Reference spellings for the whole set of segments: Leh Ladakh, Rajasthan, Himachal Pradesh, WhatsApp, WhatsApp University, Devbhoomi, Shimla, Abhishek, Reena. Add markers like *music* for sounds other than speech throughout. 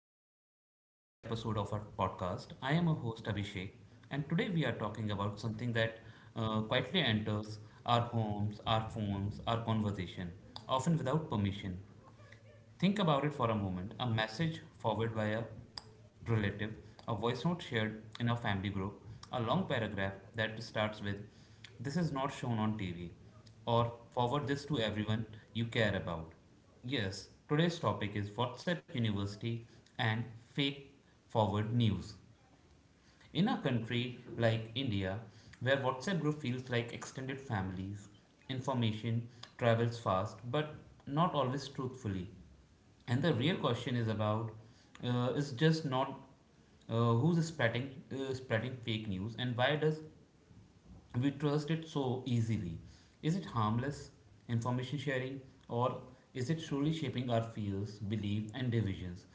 another important episode of our podcast. I am a host, Abhishek, and today we are talking about something that quietly enters our homes, our phones, our conversation, often without permission. Think about it for a moment. A message forwarded by a relative, a voice note shared in a family group, a long paragraph that starts with, This is not shown on TV, or forward this to everyone you care about. Yes, today's topic is WhatsApp University and fake forward news. In a country like India, where WhatsApp group feels like extended families, information travels fast but not always truthfully. And the real question is about is just not who's spreading fake news and why does we trust it so easily? Is it harmless information sharing or is it truly shaping our fears, belief, and divisions?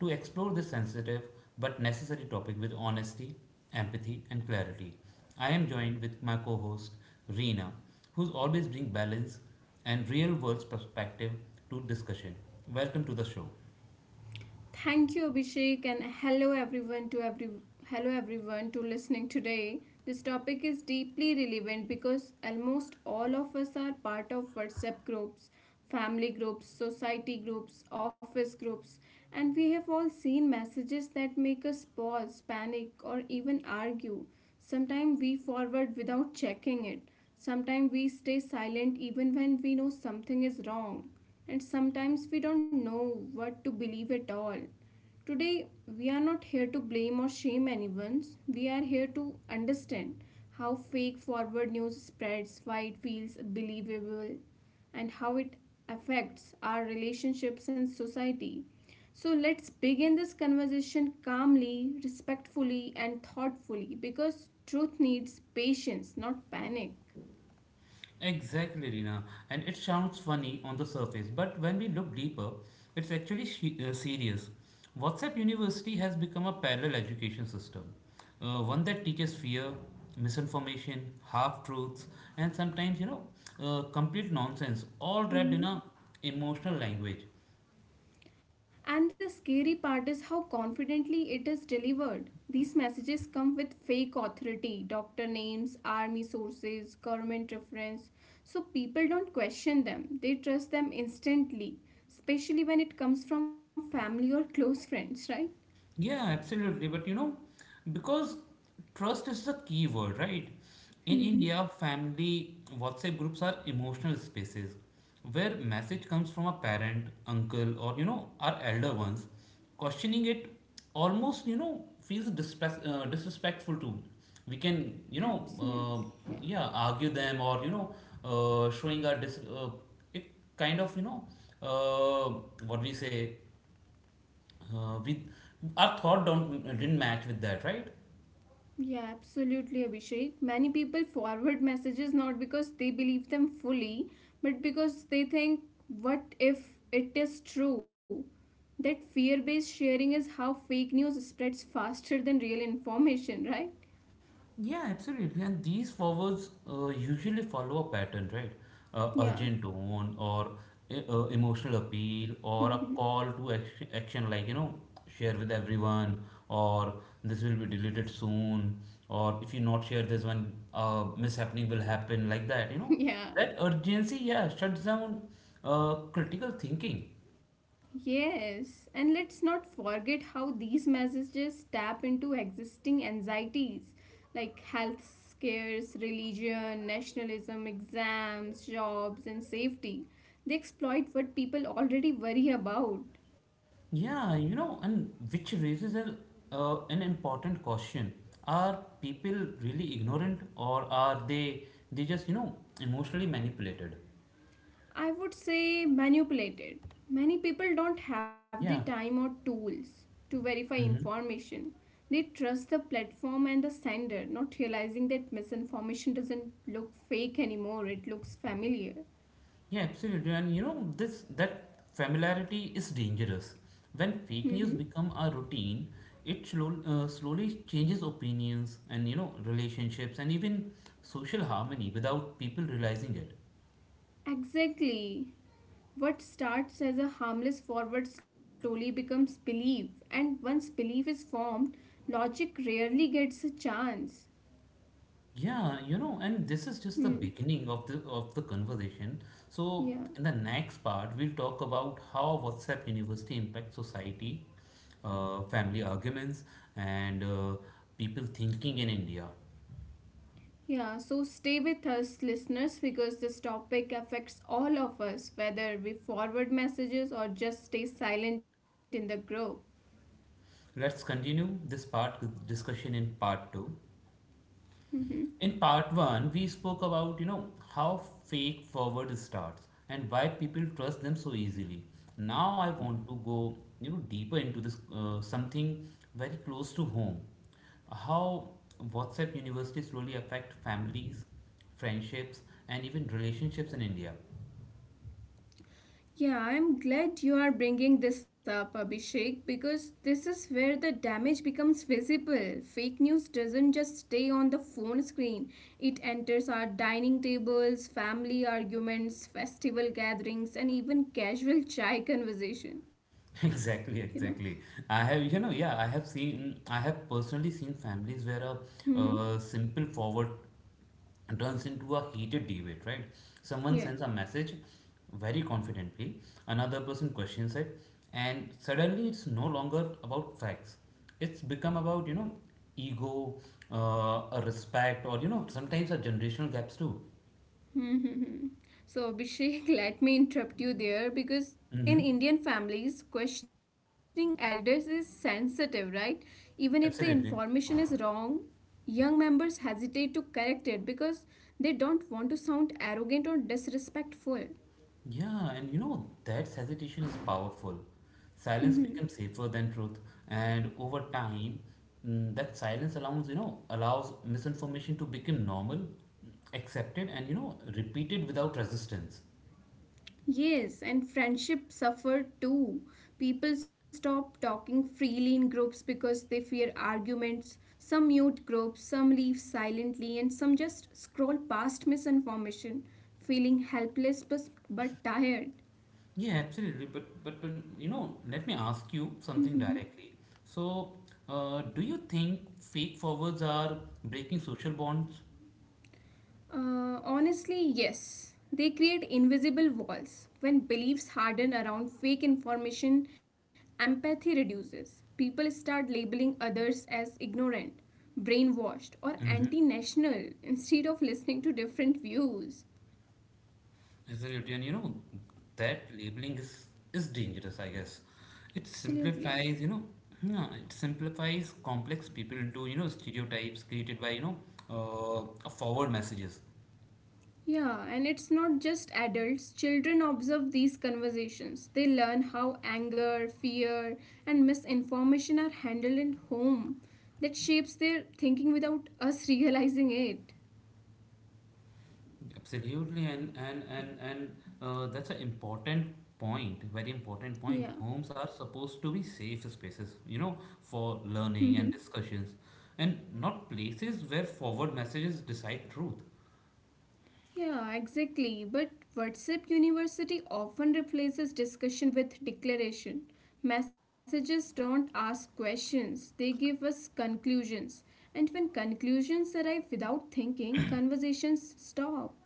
To explore this sensitive but necessary topic with honesty, empathy, and clarity, I am joined with my co-host Reena, who's always bring balance and real-world perspective to discussion. Welcome to the show. Thank you, Abhishek, and hello everyone to listening today. This topic is deeply relevant because almost all of us are part of WhatsApp groups, family groups, society groups, office groups, and we have all seen messages that make us pause, panic, or even argue. Sometimes we forward without checking it. Sometimes we stay silent even when we know something is wrong and sometimes we don't know what to believe at all. Today, we are not here to blame or shame anyone. We are here to understand how fake forward news spreads, why it feels believable, and how it affects our relationships and society. So, let's begin this conversation calmly, respectfully, and thoughtfully because truth needs patience, not panic. Exactly, Rina. And it sounds funny on the surface, but when we look deeper, it's actually serious. WhatsApp University has become a parallel education system, one that teaches fear, misinformation, half truths, and sometimes, you know, complete nonsense, all wrapped in a Mhm. emotional language. And the scary part is how confidently it is delivered. These messages come with fake authority, doctor names, army sources, government reference. So people don't question them, they trust them instantly, especially when it comes from family or close friends, right? Yeah, absolutely. But you know, because trust is the key word, right? In Mm-hmm. India, family WhatsApp groups are emotional spaces where message comes from a parent, uncle, or you know, our elder ones. Questioning it almost, you know, feels disrespectful too. We can, you know, Absolutely, yeah. Yeah, argue them or you know, uh, showing our dis- uh, it kind of, you know, what we say. With our thought don't didn't match with that, right? Yeah, absolutely, Abhishek. Many people forward messages not because they believe them fully, but because they think, what if it is true? That fear based sharing is how fake news spreads faster than real information, right? Yeah, absolutely. And these forwards usually follow a pattern, right? Urgent Yeah. tone or emotional appeal or a call Mm-hmm. *laughs* to action, like you know, share with everyone or this will be deleted soon or if you not share this one, mishappening will happen, like that. You know, that Yeah. urgency, yeah, shuts down critical thinking. Yes, and let's not forget how these messages tap into existing anxieties like health scares, religion, nationalism, exams, jobs, and safety. They exploit what people already worry about. Yeah, you know, and which raises an important question. Are people really ignorant or are they just, you know, emotionally manipulated? I would say manipulated. Many people don't have the Yeah. time or tools to verify Hmm. information. They trust the platform and the sender, not realizing that misinformation doesn't look fake anymore, it looks familiar. Yeah, absolutely. And you know, this that familiarity is dangerous. When fake Mhm. news become a routine, it slowly changes opinions and you know, relationships and even social harmony without people realizing it. Exactly. What starts as a harmless forward slowly becomes belief, and once belief is formed, logic rarely gets a chance. Yeah, you know, and this is just the Hmm. beginning of the conversation. So Yeah. in the next part, we'll talk about how WhatsApp University impacts society, family arguments, and people thinking in India. Yeah, so stay with us, listeners, because this topic affects all of us, whether we forward messages or just stay silent in the group. Let's continue this part with discussion in part two. Hmm. In part one, we spoke about you know how fake forward starts and why people trust them so easily. Now I want to go you know deeper into this something very close to home, how WhatsApp University slowly affect families, friendships, and even relationships in India. Yeah, I'm glad you are bringing this up, Abhishek, because this is where the damage becomes visible. Fake news doesn't just stay on the phone screen, it enters our dining tables, family arguments, festival gatherings, and even casual *laughs* chai conversation. *laughs* Exactly, You know? *laughs* exactly. I have, you know, I have personally seen families where a, Hmm. uh simple forward turns into a heated debate, right? Someone sends Yeah. a message very confidently, another person questions it, and suddenly it's no longer about facts. It's become about, you know, ego, a respect, or, you know, sometimes a generational gaps too. Hmm. So, Abhishek, *laughs* let me interrupt you there because in Mm-hmm. Indian families, questioning elders is sensitive, right? Even if the information Absolutely. is wrong, young members hesitate to correct it because they don't want to sound arrogant or disrespectful. Yeah, and you know, that hesitation is powerful. Silence becomes *laughs* safer than truth, and over time, that silence allows misinformation to become normal, accepted, and you know, repeated without resistance. Yes, and friendship suffered too. People stop talking freely in groups because they fear arguments. Some mute groups, some leave silently, and some just scroll past misinformation, feeling helpless but tired. Yeah, absolutely. But you know, let me ask you something directly. So, do you think fake forwards are breaking social bonds? Honestly, yes. They create invisible walls. When beliefs harden around fake information, empathy reduces. People start labeling others as ignorant, brainwashed, or anti national instead of listening to different views. Absolutely, and you know that labeling is dangerous. I guess it Absolutely. simplifies. You know, yeah, it simplifies complex people into you know stereotypes created by you know forward messages. Yeah, and it's not just adults. Children observe these conversations. They learn how anger, fear, and misinformation are handled at home. That shapes their thinking without *laughs* us realizing it. Absolutely, and that's an important point. Very important point. Yeah. Homes are supposed to be safe spaces. You know, for Mm-hmm. learning and discussions, and not places where forward messages decide truth. Yeah, exactly. But WhatsApp University often replaces discussion with declaration. Messages don't ask questions, they give us conclusions. And when conclusions arrive without thinking, conversations stop.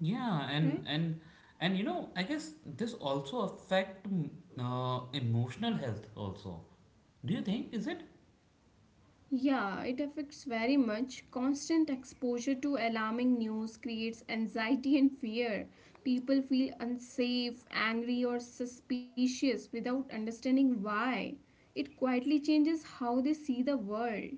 Yeah, and Right? You know, I guess this also affect emotional health also. Do you think is it? Yeah, it affects very much. Constant exposure to alarming news creates anxiety and fear. People feel unsafe, angry, or suspicious without understanding why. It quietly changes how they see the world.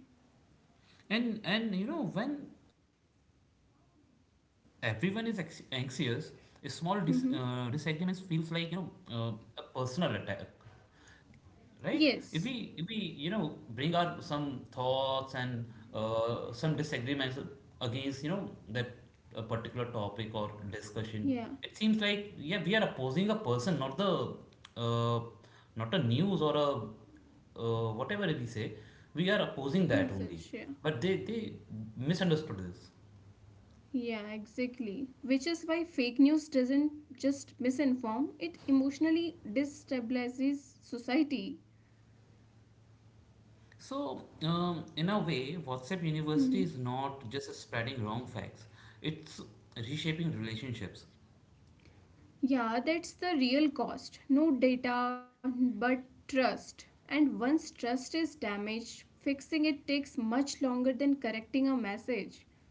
And you know, when everyone is ex anxious, a small disagreements feels like you Mm-hmm. know a personal attack. Right? If we if Yes. we you know bring our some thoughts and some disagreements against you know that a particular topic or discussion, Yeah. it seems like yeah we are opposing a person, not the uh, not a news or a whatever we say, we are opposing that only. Message. Yeah. But they misunderstood this. Yeah, exactly. Which is why fake news doesn't just misinform, it emotionally destabilizes society. So, in a way, WhatsApp University is *laughs* not just spreading wrong facts, it's reshaping relationships. Yeah, that's the real cost. No data, but trust. And once trust is damaged, fixing it takes much longer than correcting a message.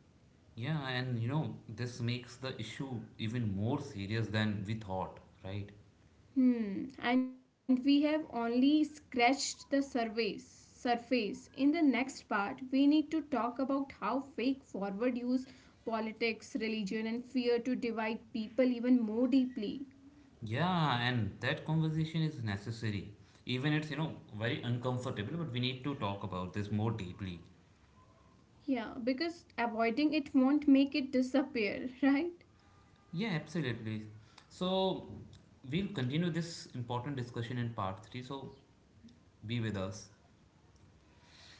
Yeah, and you know, this makes the issue even more serious than we thought, right? Hmm, and we have only scratched the surface. In the next part, we need to talk about how fake forward use politics, religion, and fear to divide people even more deeply. Yeah, and that conversation is necessary. Even it's, you know, very uncomfortable, but we need to talk about this more deeply. Yeah, because avoiding it won't make it disappear, *laughs* right? Yeah, absolutely. So, we'll continue this important discussion in part 3, so be with us.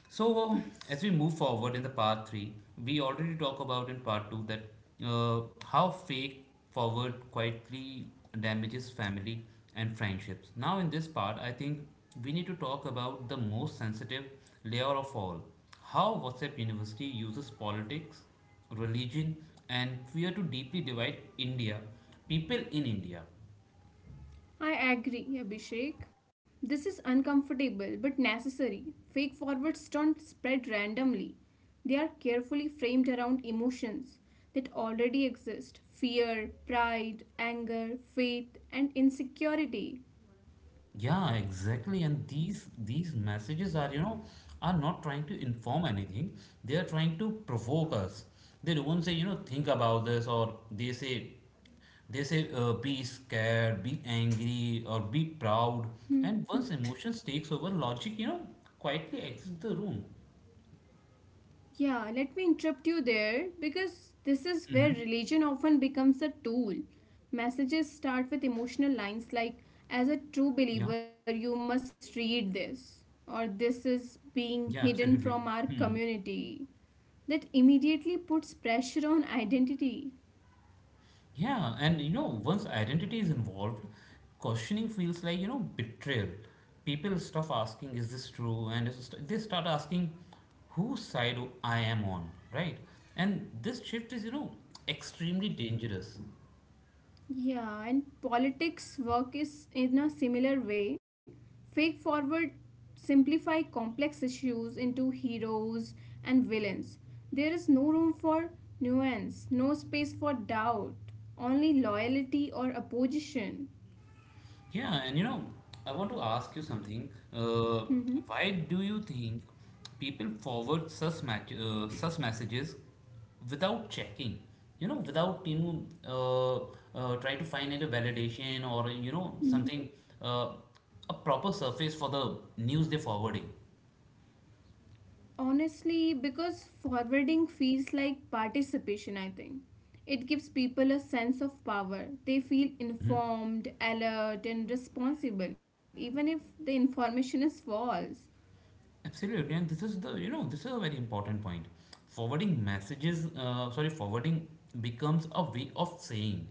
So, as we Yes. move forward in the part three, we already talk about in part two that how fake forward quietly damages family and friendships. Now, in this part, I think we need to talk about the most sensitive layer of all how WhatsApp University uses politics, religion, and fear to deeply divide India, people in India. I agree, Abhishek. This is uncomfortable but necessary. Fake forwards don't spread randomly, they are carefully framed around emotions that already exist fear, pride, anger, faith, and insecurity. Yeah, exactly. And these messages are, you know, are not trying to inform anything. They are trying to provoke us. They don't say, you know, think about this, or they say, be scared, be angry, or be proud. And once emotions takes over, logic, you know, quietly exits the room. Yeah, let me interrupt you there because this is where religion often becomes a tool. Messages start with emotional Yeah, lines like, as a true believer, you must read this, or this is yeah, being hidden absolutely. from our community. That immediately puts pressure on identity. Yeah, and you know, once identity is involved, questioning feels like, you know, betrayal. People stop asking, is this true? And it's just- they start asking, whose side I am on, right? And this shift is, you know, extremely dangerous. Yeah, and politics work is in a similar way. Fake forward simplify complex issues into heroes and villains. There is no room for nuance, no space for doubt, only loyalty or opposition. Yeah, and you know, I want to ask you something. Why do you think people forward such messages without checking? You know, without you know, try to find any validation or you know Mhm. something uh, a proper surface for the news they're forwarding. Honestly, because forwarding feels like participation, I think. It gives people a sense of power. They feel informed, alert, and responsible, even if the information is false. Absolutely, and this is the you know this is a very important point. Forwarding becomes a way of saying,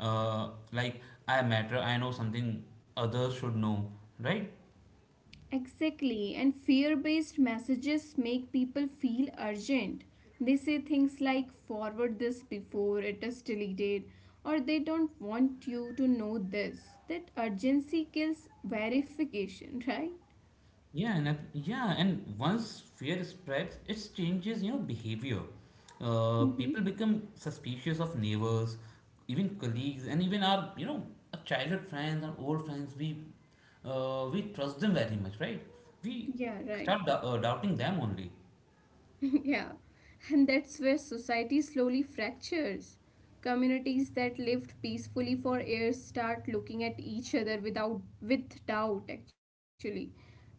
like I matter, I know something others should know, right? Exactly, and fear based messages make people feel urgent. They say things like forward this before it is deleted, or they don't want you to know this. That urgency kills verification, *laughs* right? Yeah, and once fear spreads, it changes, you know, behavior. Mm-hmm. People become suspicious of neighbors, even colleagues, and even our, you know, our childhood friends, our old friends. We trust them very much, right? We Yeah, right. Doubting them only. *laughs* Yeah, and that's where society slowly fractures. Communities that lived peacefully for years start looking at each other without with doubt actually,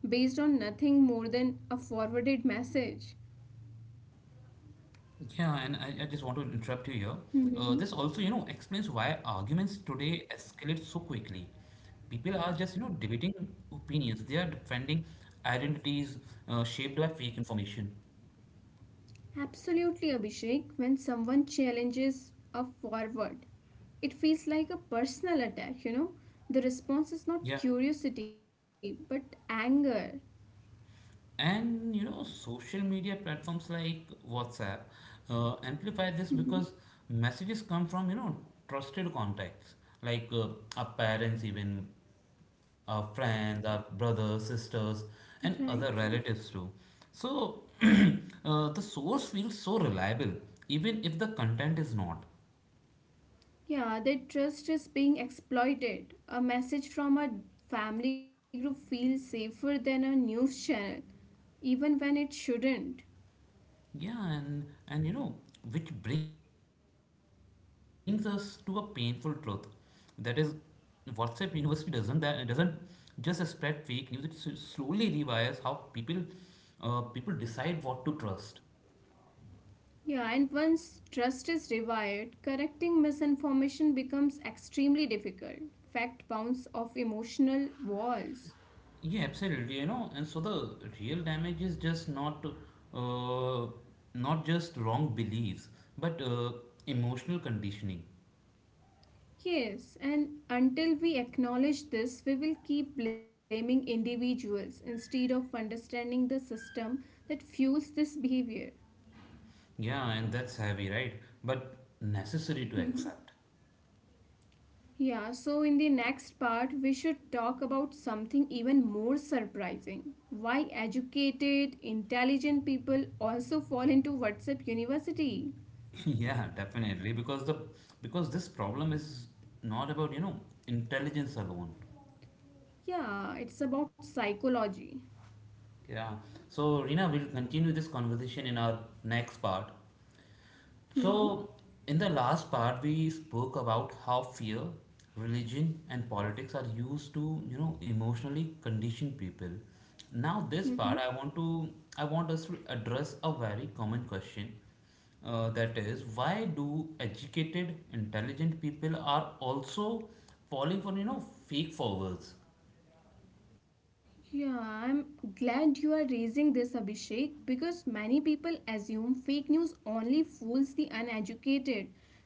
based on nothing more than a forwarded message. Yeah, and I just want to interrupt you here. This also, you know, *laughs* explains why Mhm. arguments today escalate so quickly. People are just, you know, debating opinions. They are defending identities shaped by fake information. Absolutely, Abhishek. When someone challenges a forward, it feels like a personal attack. The response is not Yeah. curiosity, but anger. And you know social media platforms like WhatsApp *laughs* amplify this Mhm. because messages come from you know trusted contacts like our parents even our friends our brothers sisters and Right, other right. relatives too so *clears throat* the source feels so reliable even if the content is not. Yeah, that trust is being exploited. A message from a family group feels safer than a news channel, even when it shouldn't. Yeah, and you know, which brings us to a painful truth. That is, WhatsApp University doesn't just spread fake news. It slowly rewires how people people decide what to trust. Yeah, and once trust is revived, correcting misinformation becomes extremely difficult. Fact bounce off emotional walls. Yeah, absolutely. You know, and so the real damage is just not not just wrong beliefs, but emotional conditioning. Yes, and until we acknowledge this, we will keep blaming individuals instead of understanding the system that fuels this behavior. Yeah, and that's heavy, right? But necessary to accept. *laughs* Yeah, so in the next part, we should talk about something even more surprising. Why educated, intelligent people also fall into WhatsApp University? *laughs* Yeah, definitely. Because the because this problem is not about, you know, intelligence alone. Yeah, it's about psychology. Yeah. So Rina, we'll continue this conversation in our next part. Mm-hmm. So, in the last part, we spoke about how fear, religion, and politics are used to, you know, emotionally condition people. Now, this part, Mm-hmm. I want us to address a very common question. That is, why do educated, intelligent people are also falling for, you know, fake forwards? Yeah, I'm glad you are raising this, Abhishek, because many people assume fake news only fools the uneducated.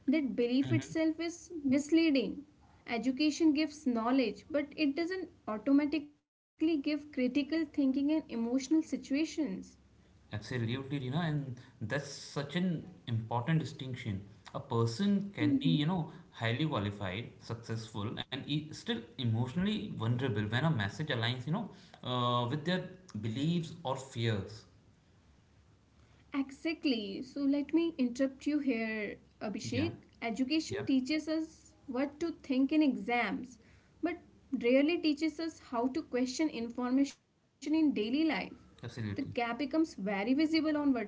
That belief itself is misleading. Education gives knowledge, but it doesn't automatically give critical thinking and emotional situations. Absolutely, you know, and that's such an important distinction. A person can be, you Mhm. know, highly qualified, successful, and e still emotionally vulnerable when a message aligns, you know, with their beliefs or fears. Exactly. So let me interrupt you here, Yeah, Abhishek. Education yeah, teaches us what to think in exams, but rarely teaches us how to question information in daily life. The gap absolutely. becomes very visible on WhatsApp,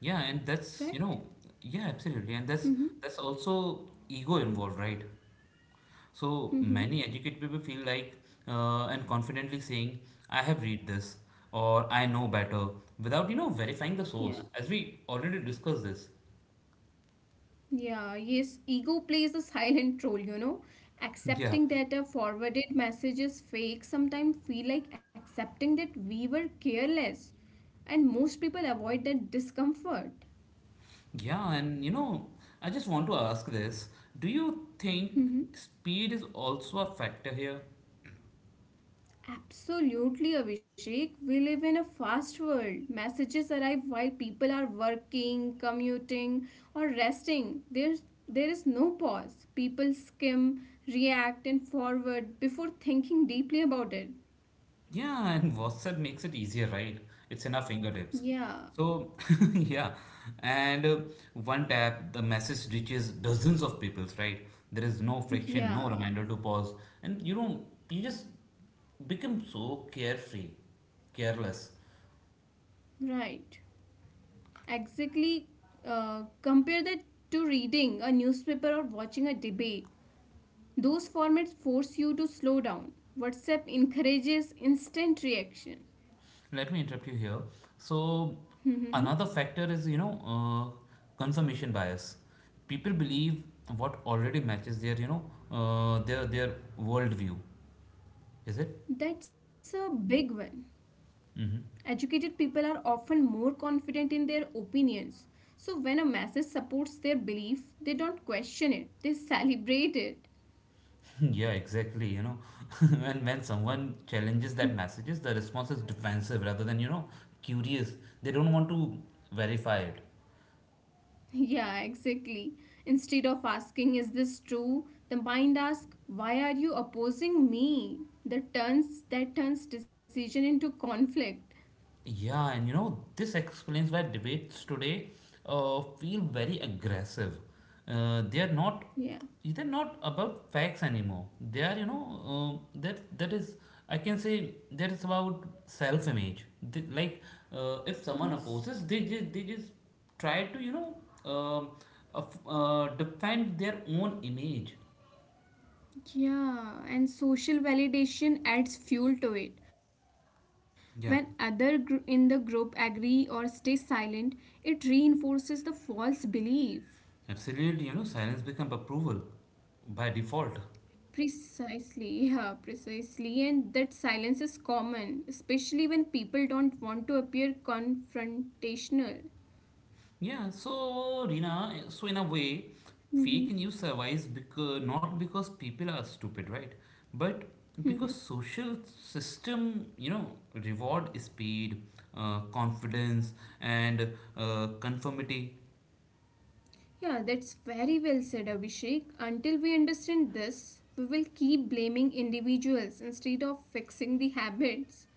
Yeah, and that's, you right? know, yeah, absolutely, and that's Mm-hmm. that's also ego involved, right? So Mm-hmm. many educated people feel like and confidently saying, I have read this or I know better without, you know, verifying the Yeah. source, as we already discussed this. Yeah, yes, ego plays a silent role. *laughs* Yeah. Accepting that a forwarded message is fake sometimes feel like accepting that we were careless. And most people avoid that discomfort. Yeah, and you know, I just want to ask this. Do you think Hmm. speed is also a factor here? Absolutely, Abhishek. We live in a fast world. Messages arrive while people are working, commuting, or resting. There is no pause. People skim, react, and forward before thinking deeply about it. Yeah, and WhatsApp makes it easier, right? It's in our fingertips. Yeah. So, *laughs* yeah, and one tap, the message reaches dozens of people, right? There is no friction, no Yeah, reminder to pause, and you just become so carefree, careless. right. Exactly. Compare that to reading a newspaper or watching a debate. Those formats force you to slow down. WhatsApp encourages instant reaction. *laughs* Let me interrupt you here. So, Hmm. another factor is, confirmation bias. People believe what already matches their, you know, their worldview. Is it? That's a big one. Mm-hmm. Educated people are often more confident in their opinions. So, when a message supports their belief, they don't question it, they *laughs* celebrate it. *laughs* Yeah, exactly. *laughs* When someone challenges that messages, the response is defensive rather than, curious. They don't want to verify it. Yeah, exactly. Instead of asking, is this true? The mind asks, why are you opposing me? That turns decision into conflict. Yeah, and you know, this explains why debates today feel very aggressive. Uh, they are not Yeah. they're not about facts anymore. They are, you know, that that is I can say that is about self-image. They, like If someone Yes. opposes, they just try to um defend their own image. Yeah, and social validation adds fuel to it. When other Yeah, in the group agree or stay silent, it reinforces the false belief. absolutely. You know, silence becomes approval by default. Precisely, *laughs* yeah, precisely. And that silence is common, especially when people don't want to appear confrontational. Yeah, so Rina, so in a way, fake Mm-hmm. news survives because not because people are stupid, right? But Mm-hmm. because social system, reward speed, confidence, and conformity, Yeah, that's very well said, Abhishek. Until we understand this, we will keep blaming individuals instead of fixing the habits.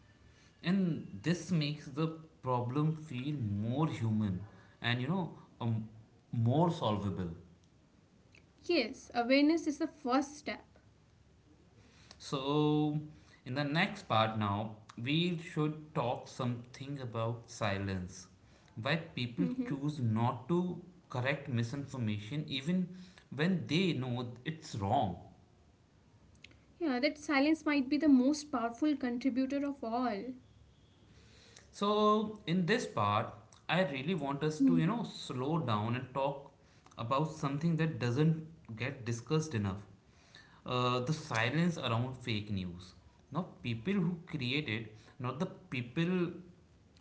and this makes the problem feel more human, and um, more solvable. Yes, awareness is the first step. So, in the next part now, we should talk something about silence. Why people Mm-hmm. choose not to correct misinformation even when they know it's wrong. Yeah, that silence might be the most powerful contributor of all. So in this part, I really want us to you Mm-hmm. know slow down and talk about something that doesn't get discussed enough. The silence around fake news. Not people who created, not the people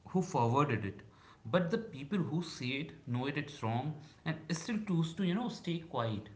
who forwarded it, but the people who see it, know it's wrong, and still choose to you know stay quiet.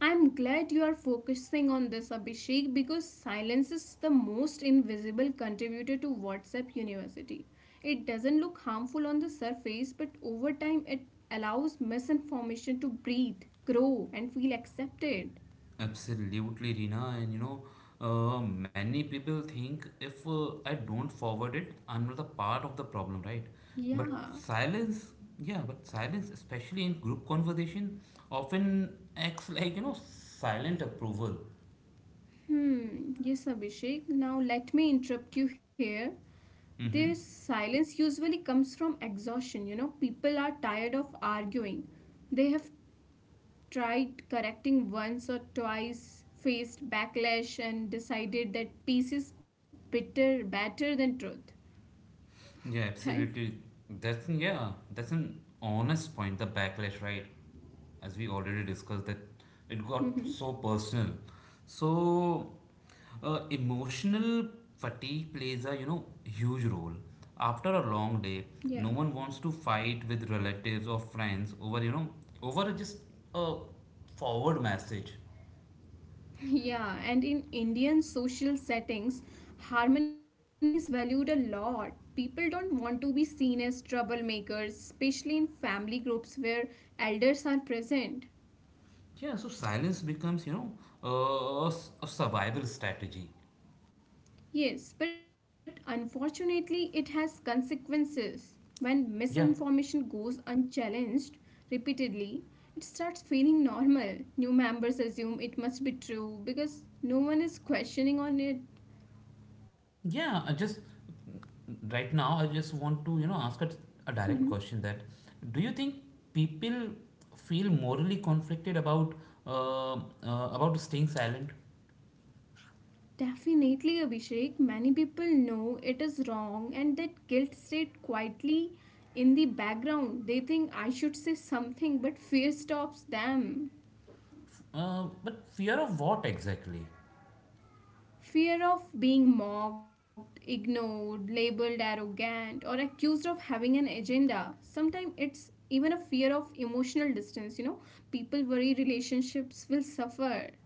I'm glad you are focusing on this, Abhishek, because silence is the most invisible contributor to WhatsApp University. It doesn't look harmful on the surface, but over time it allows misinformation to breathe, grow, and feel accepted. Absolutely, Rina. And many people think if I don't forward it, I'm not a part of the problem, right? Yeah. But silence, yeah, but silence, especially in group conversation, often acts like, you know, silent approval. Hmm. Yes, Abhishek. Now let me interrupt you here. This Mm-hmm. silence usually comes from exhaustion. People are tired of arguing. They have tried correcting once or twice, faced backlash, and decided that peace is better than truth, Yeah, right? absolutely. That's an, yeah, that's an honest point. The backlash, right? As we already discussed, that it got so Mm-hmm. personal. So, emotional fatigue plays a you know huge role. After a long day, Yeah. *laughs* no one wants to fight with relatives or friends over you know over just a forward message. Yeah, and in Indian social settings, harmony is valued a lot. People don't want to be seen as troublemakers, especially in family groups where elders are present. Yeah, so silence becomes you know a survival strategy. Yes, but unfortunately, it has consequences. When Yeah. misinformation goes unchallenged repeatedly, it starts feeling normal. New members assume it must be true because no one is questioning on it. Yeah, I just right now I just want to, you know, a Mhm. direct question that do you think people feel morally conflicted uh, uh, about staying silent? Definitely, Abhishek, many people know it is wrong, and that guilt state quietly in the background. They think I should say something, but fear stops them. But fear of what exactly? Fear of being mocked, ignored, labeled arrogant, or accused of having an agenda. Sometimes it's even a fear of emotional distance. People worry relationships will suffer.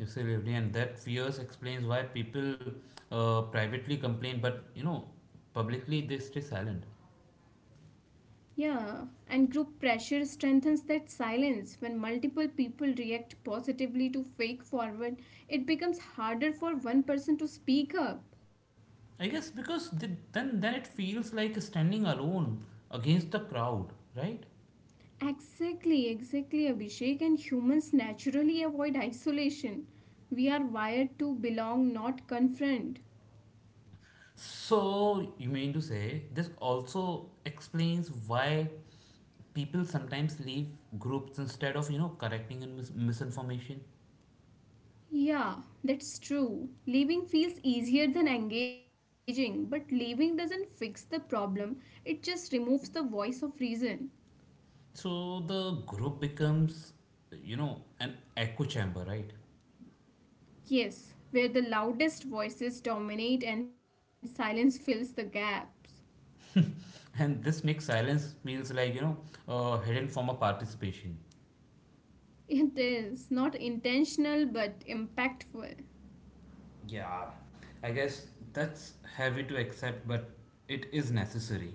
You see, Revdi, and that fears explains why people privately complain, but you know, publicly they stay silent. Yeah, and group pressure strengthens that silence. When multiple people react positively to fake forward, it becomes harder for one person to speak up. I guess because they, then it feels like standing alone against the crowd, right? Exactly, exactly, Abhishek. And humans naturally avoid isolation. We are wired to belong, not confront. So, you mean to say this also explains why people sometimes leave groups instead of, you know, correcting and misinformation? Yeah, that's true. Leaving feels easier than engaging, but leaving doesn't fix the problem, it just removes the voice of reason. So, the group becomes, you know, an echo chamber, right? Yes, where the loudest voices dominate and silence fills the gaps. And this makes silence feels like, you know, a hidden form of participation. It is not intentional but impactful. Yeah, I guess that's heavy to accept, but it is necessary.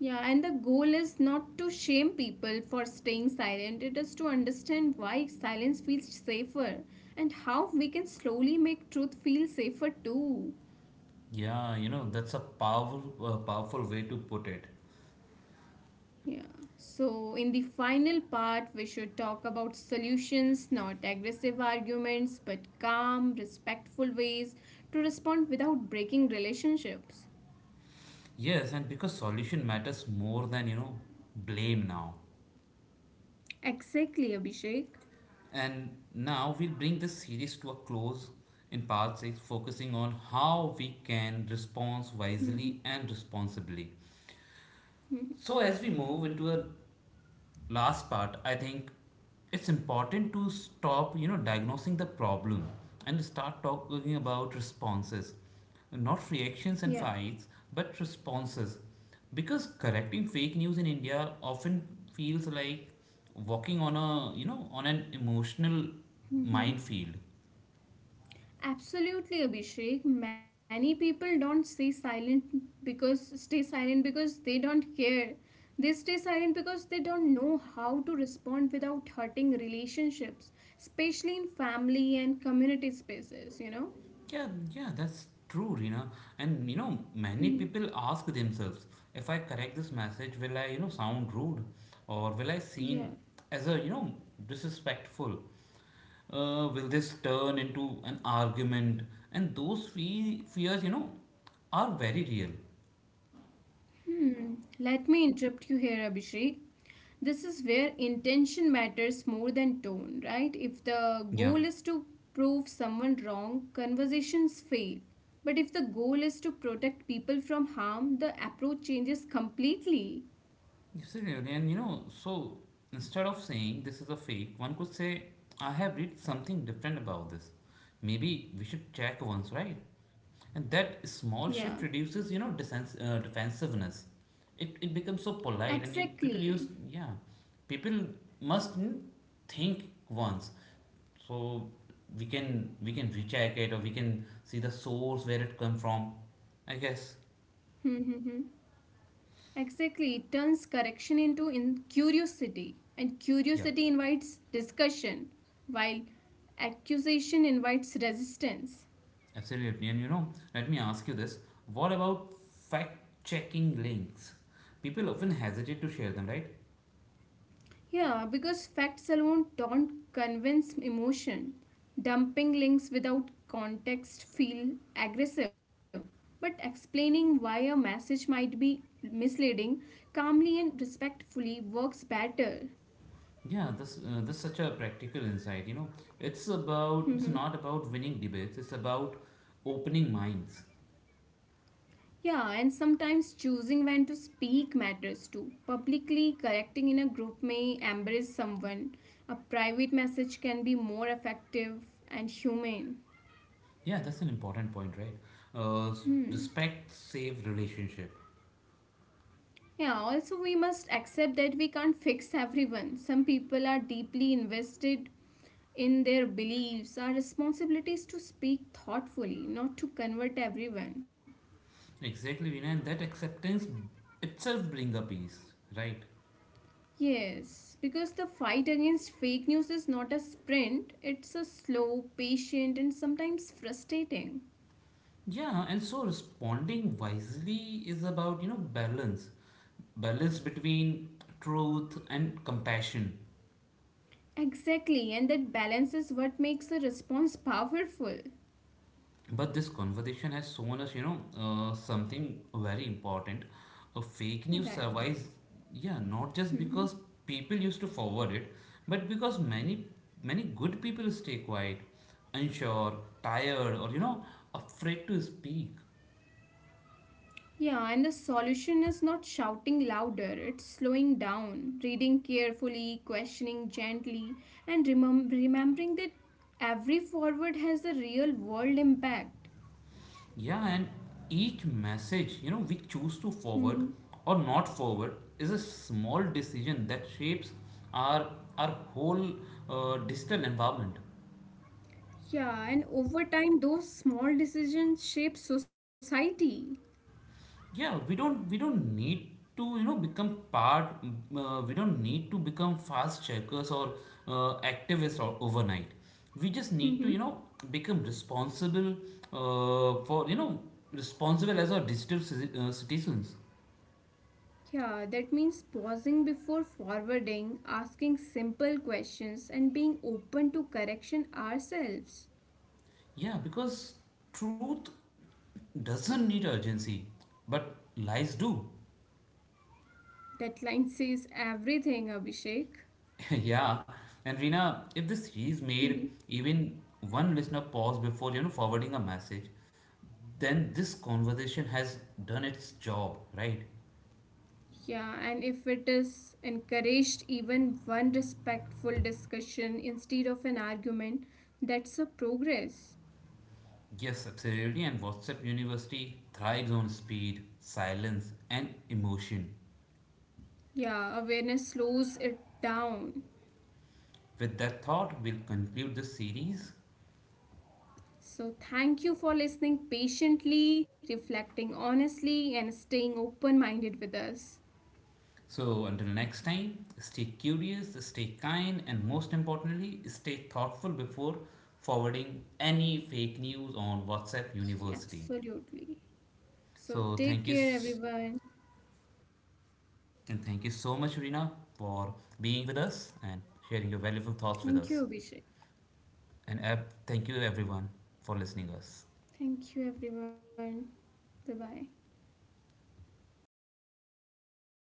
Yeah, and the goal is not to shame people for staying silent, it is to understand why silence feels safer and how we can slowly make truth feel safer too. Yeah, you know, that's a powerful, powerful way to put it. Yeah. So, in the final part, we should talk about solutions, not aggressive arguments, but calm, respectful ways to respond without breaking relationships. Yes, and because solution matters more than you know blame now. Exactly, Abhishek. And now we'll bring this series to a close in part 6, focusing on how we can respond Mm-hmm. wisely and responsibly. So as we move into a last part, I think it's important to stop you know diagnosing the problem and start talking about responses, not reactions and Yeah. fights, but responses, because correcting fake news in India often feels like walking on a you know on an emotional Mm-hmm. minefield. Absolutely, Abhishek. Many people don't stay silent because they don't care. They stay silent because they don't know how to respond without hurting relationships, especially in family and community spaces, you know? Yeah, yeah, that's true, Rina. And you know, Mhm. many people ask themselves, if I correct this message, will I, you know, sound rude, or will I Yeah. seen as a, you know, disrespectful? Will this turn into an argument? And those fears, you know, are very real. Hmm. Let me interrupt you here, Abhishek. This is where intention matters more than tone, right? If the Yeah, goal is to prove someone wrong, conversations fail. But if the goal is to protect people from harm, the approach changes completely. absolutely. And you know, so instead of saying this is a fake, one could say, I have read something different about this. Maybe we should check once, right? And that Yeah, small shift reduces, defensiveness. It becomes so polite, and you- people use, exactly. yeah, people must mm, think once. So we can recheck it, or we can see the source where it come from. I guess, *laughs* Mm-hmm. Exactly. It turns correction into in curiosity, and yeah, curiosity invites discussion, while accusation invites resistance. absolutely. And you know, let me ask you this: What about fact checking links? People often hesitate to share them, right? Yeah, because facts alone don't convince emotion. Dumping links without context feel aggressive, but explaining why a message might be misleading calmly and respectfully works better. Yeah, that's such a practical insight. You know, it's not Mhm. about winning debates. It's about opening minds. Yeah, and sometimes choosing when to speak matters too. Publicly correcting in a group may embarrass someone. A private message can be more effective and humane. Yeah, that's an important point, right? S- Hmm. respect save relationship. Yeah, also, we must accept that we can't fix everyone. Some people are deeply invested in their beliefs. Our responsibility is to speak thoughtfully, not to convert everyone. Exactly, Rina, and that acceptance itself bring a peace, right? Yes, because the fight against fake news is not a sprint, it's a slow, patient, and sometimes frustrating. Yeah, and so responding wisely is about you know balance, balance between truth and compassion. Exactly, and that balance is what makes a response powerful. But this conversation has shown us, you know, something very important. A fake news Right. survives, yeah, not just because *laughs* people used to forward it, but because many, many good people stay quiet, unsure, tired, or, you know, afraid to speak. Yeah, and the solution is not shouting louder, it's slowing down, reading carefully, questioning gently, and remembering that every forward has a real world impact. Yeah, and each message, you know, we choose to forward Hmm. or not forward is a small decision that shapes our, our whole digital environment. Yeah, and over time, those small decisions shape society. We don't need to you know become part we don't need to become fast checkers or activists or overnight, we just need to Hmm. you know become responsible for you know responsible as our digital citizens. Yeah, that means pausing before forwarding, asking simple questions, and being open to correction ourselves. Yeah because truth doesn't need urgency, but lies do. That line says everything, Abhishek. *laughs* Yeah, and Rina, if this series made *laughs* even one listener pause before you know forwarding a message, then this conversation has done its job, right? Yeah, and if it is encouraged, even one respectful discussion instead of an argument, that's a progress. Yes, absolutely. And WhatsApp University thrives on speed, silence, and emotion. Yeah, awareness slows it down. With that thought, we'll conclude this series. So, thank you for listening patiently, reflecting honestly, and staying open minded with us. So, until next time, stay curious, stay kind, and most importantly, stay thoughtful before forwarding any fake news on WhatsApp University. Absolutely. So, So, take thank you care, s- everyone. and thank you so much, Rina, for being with us and sharing your valuable thoughts with us. Thank you, Abhishek. And thank you everyone for listening us. Thank you, everyone. Bye bye.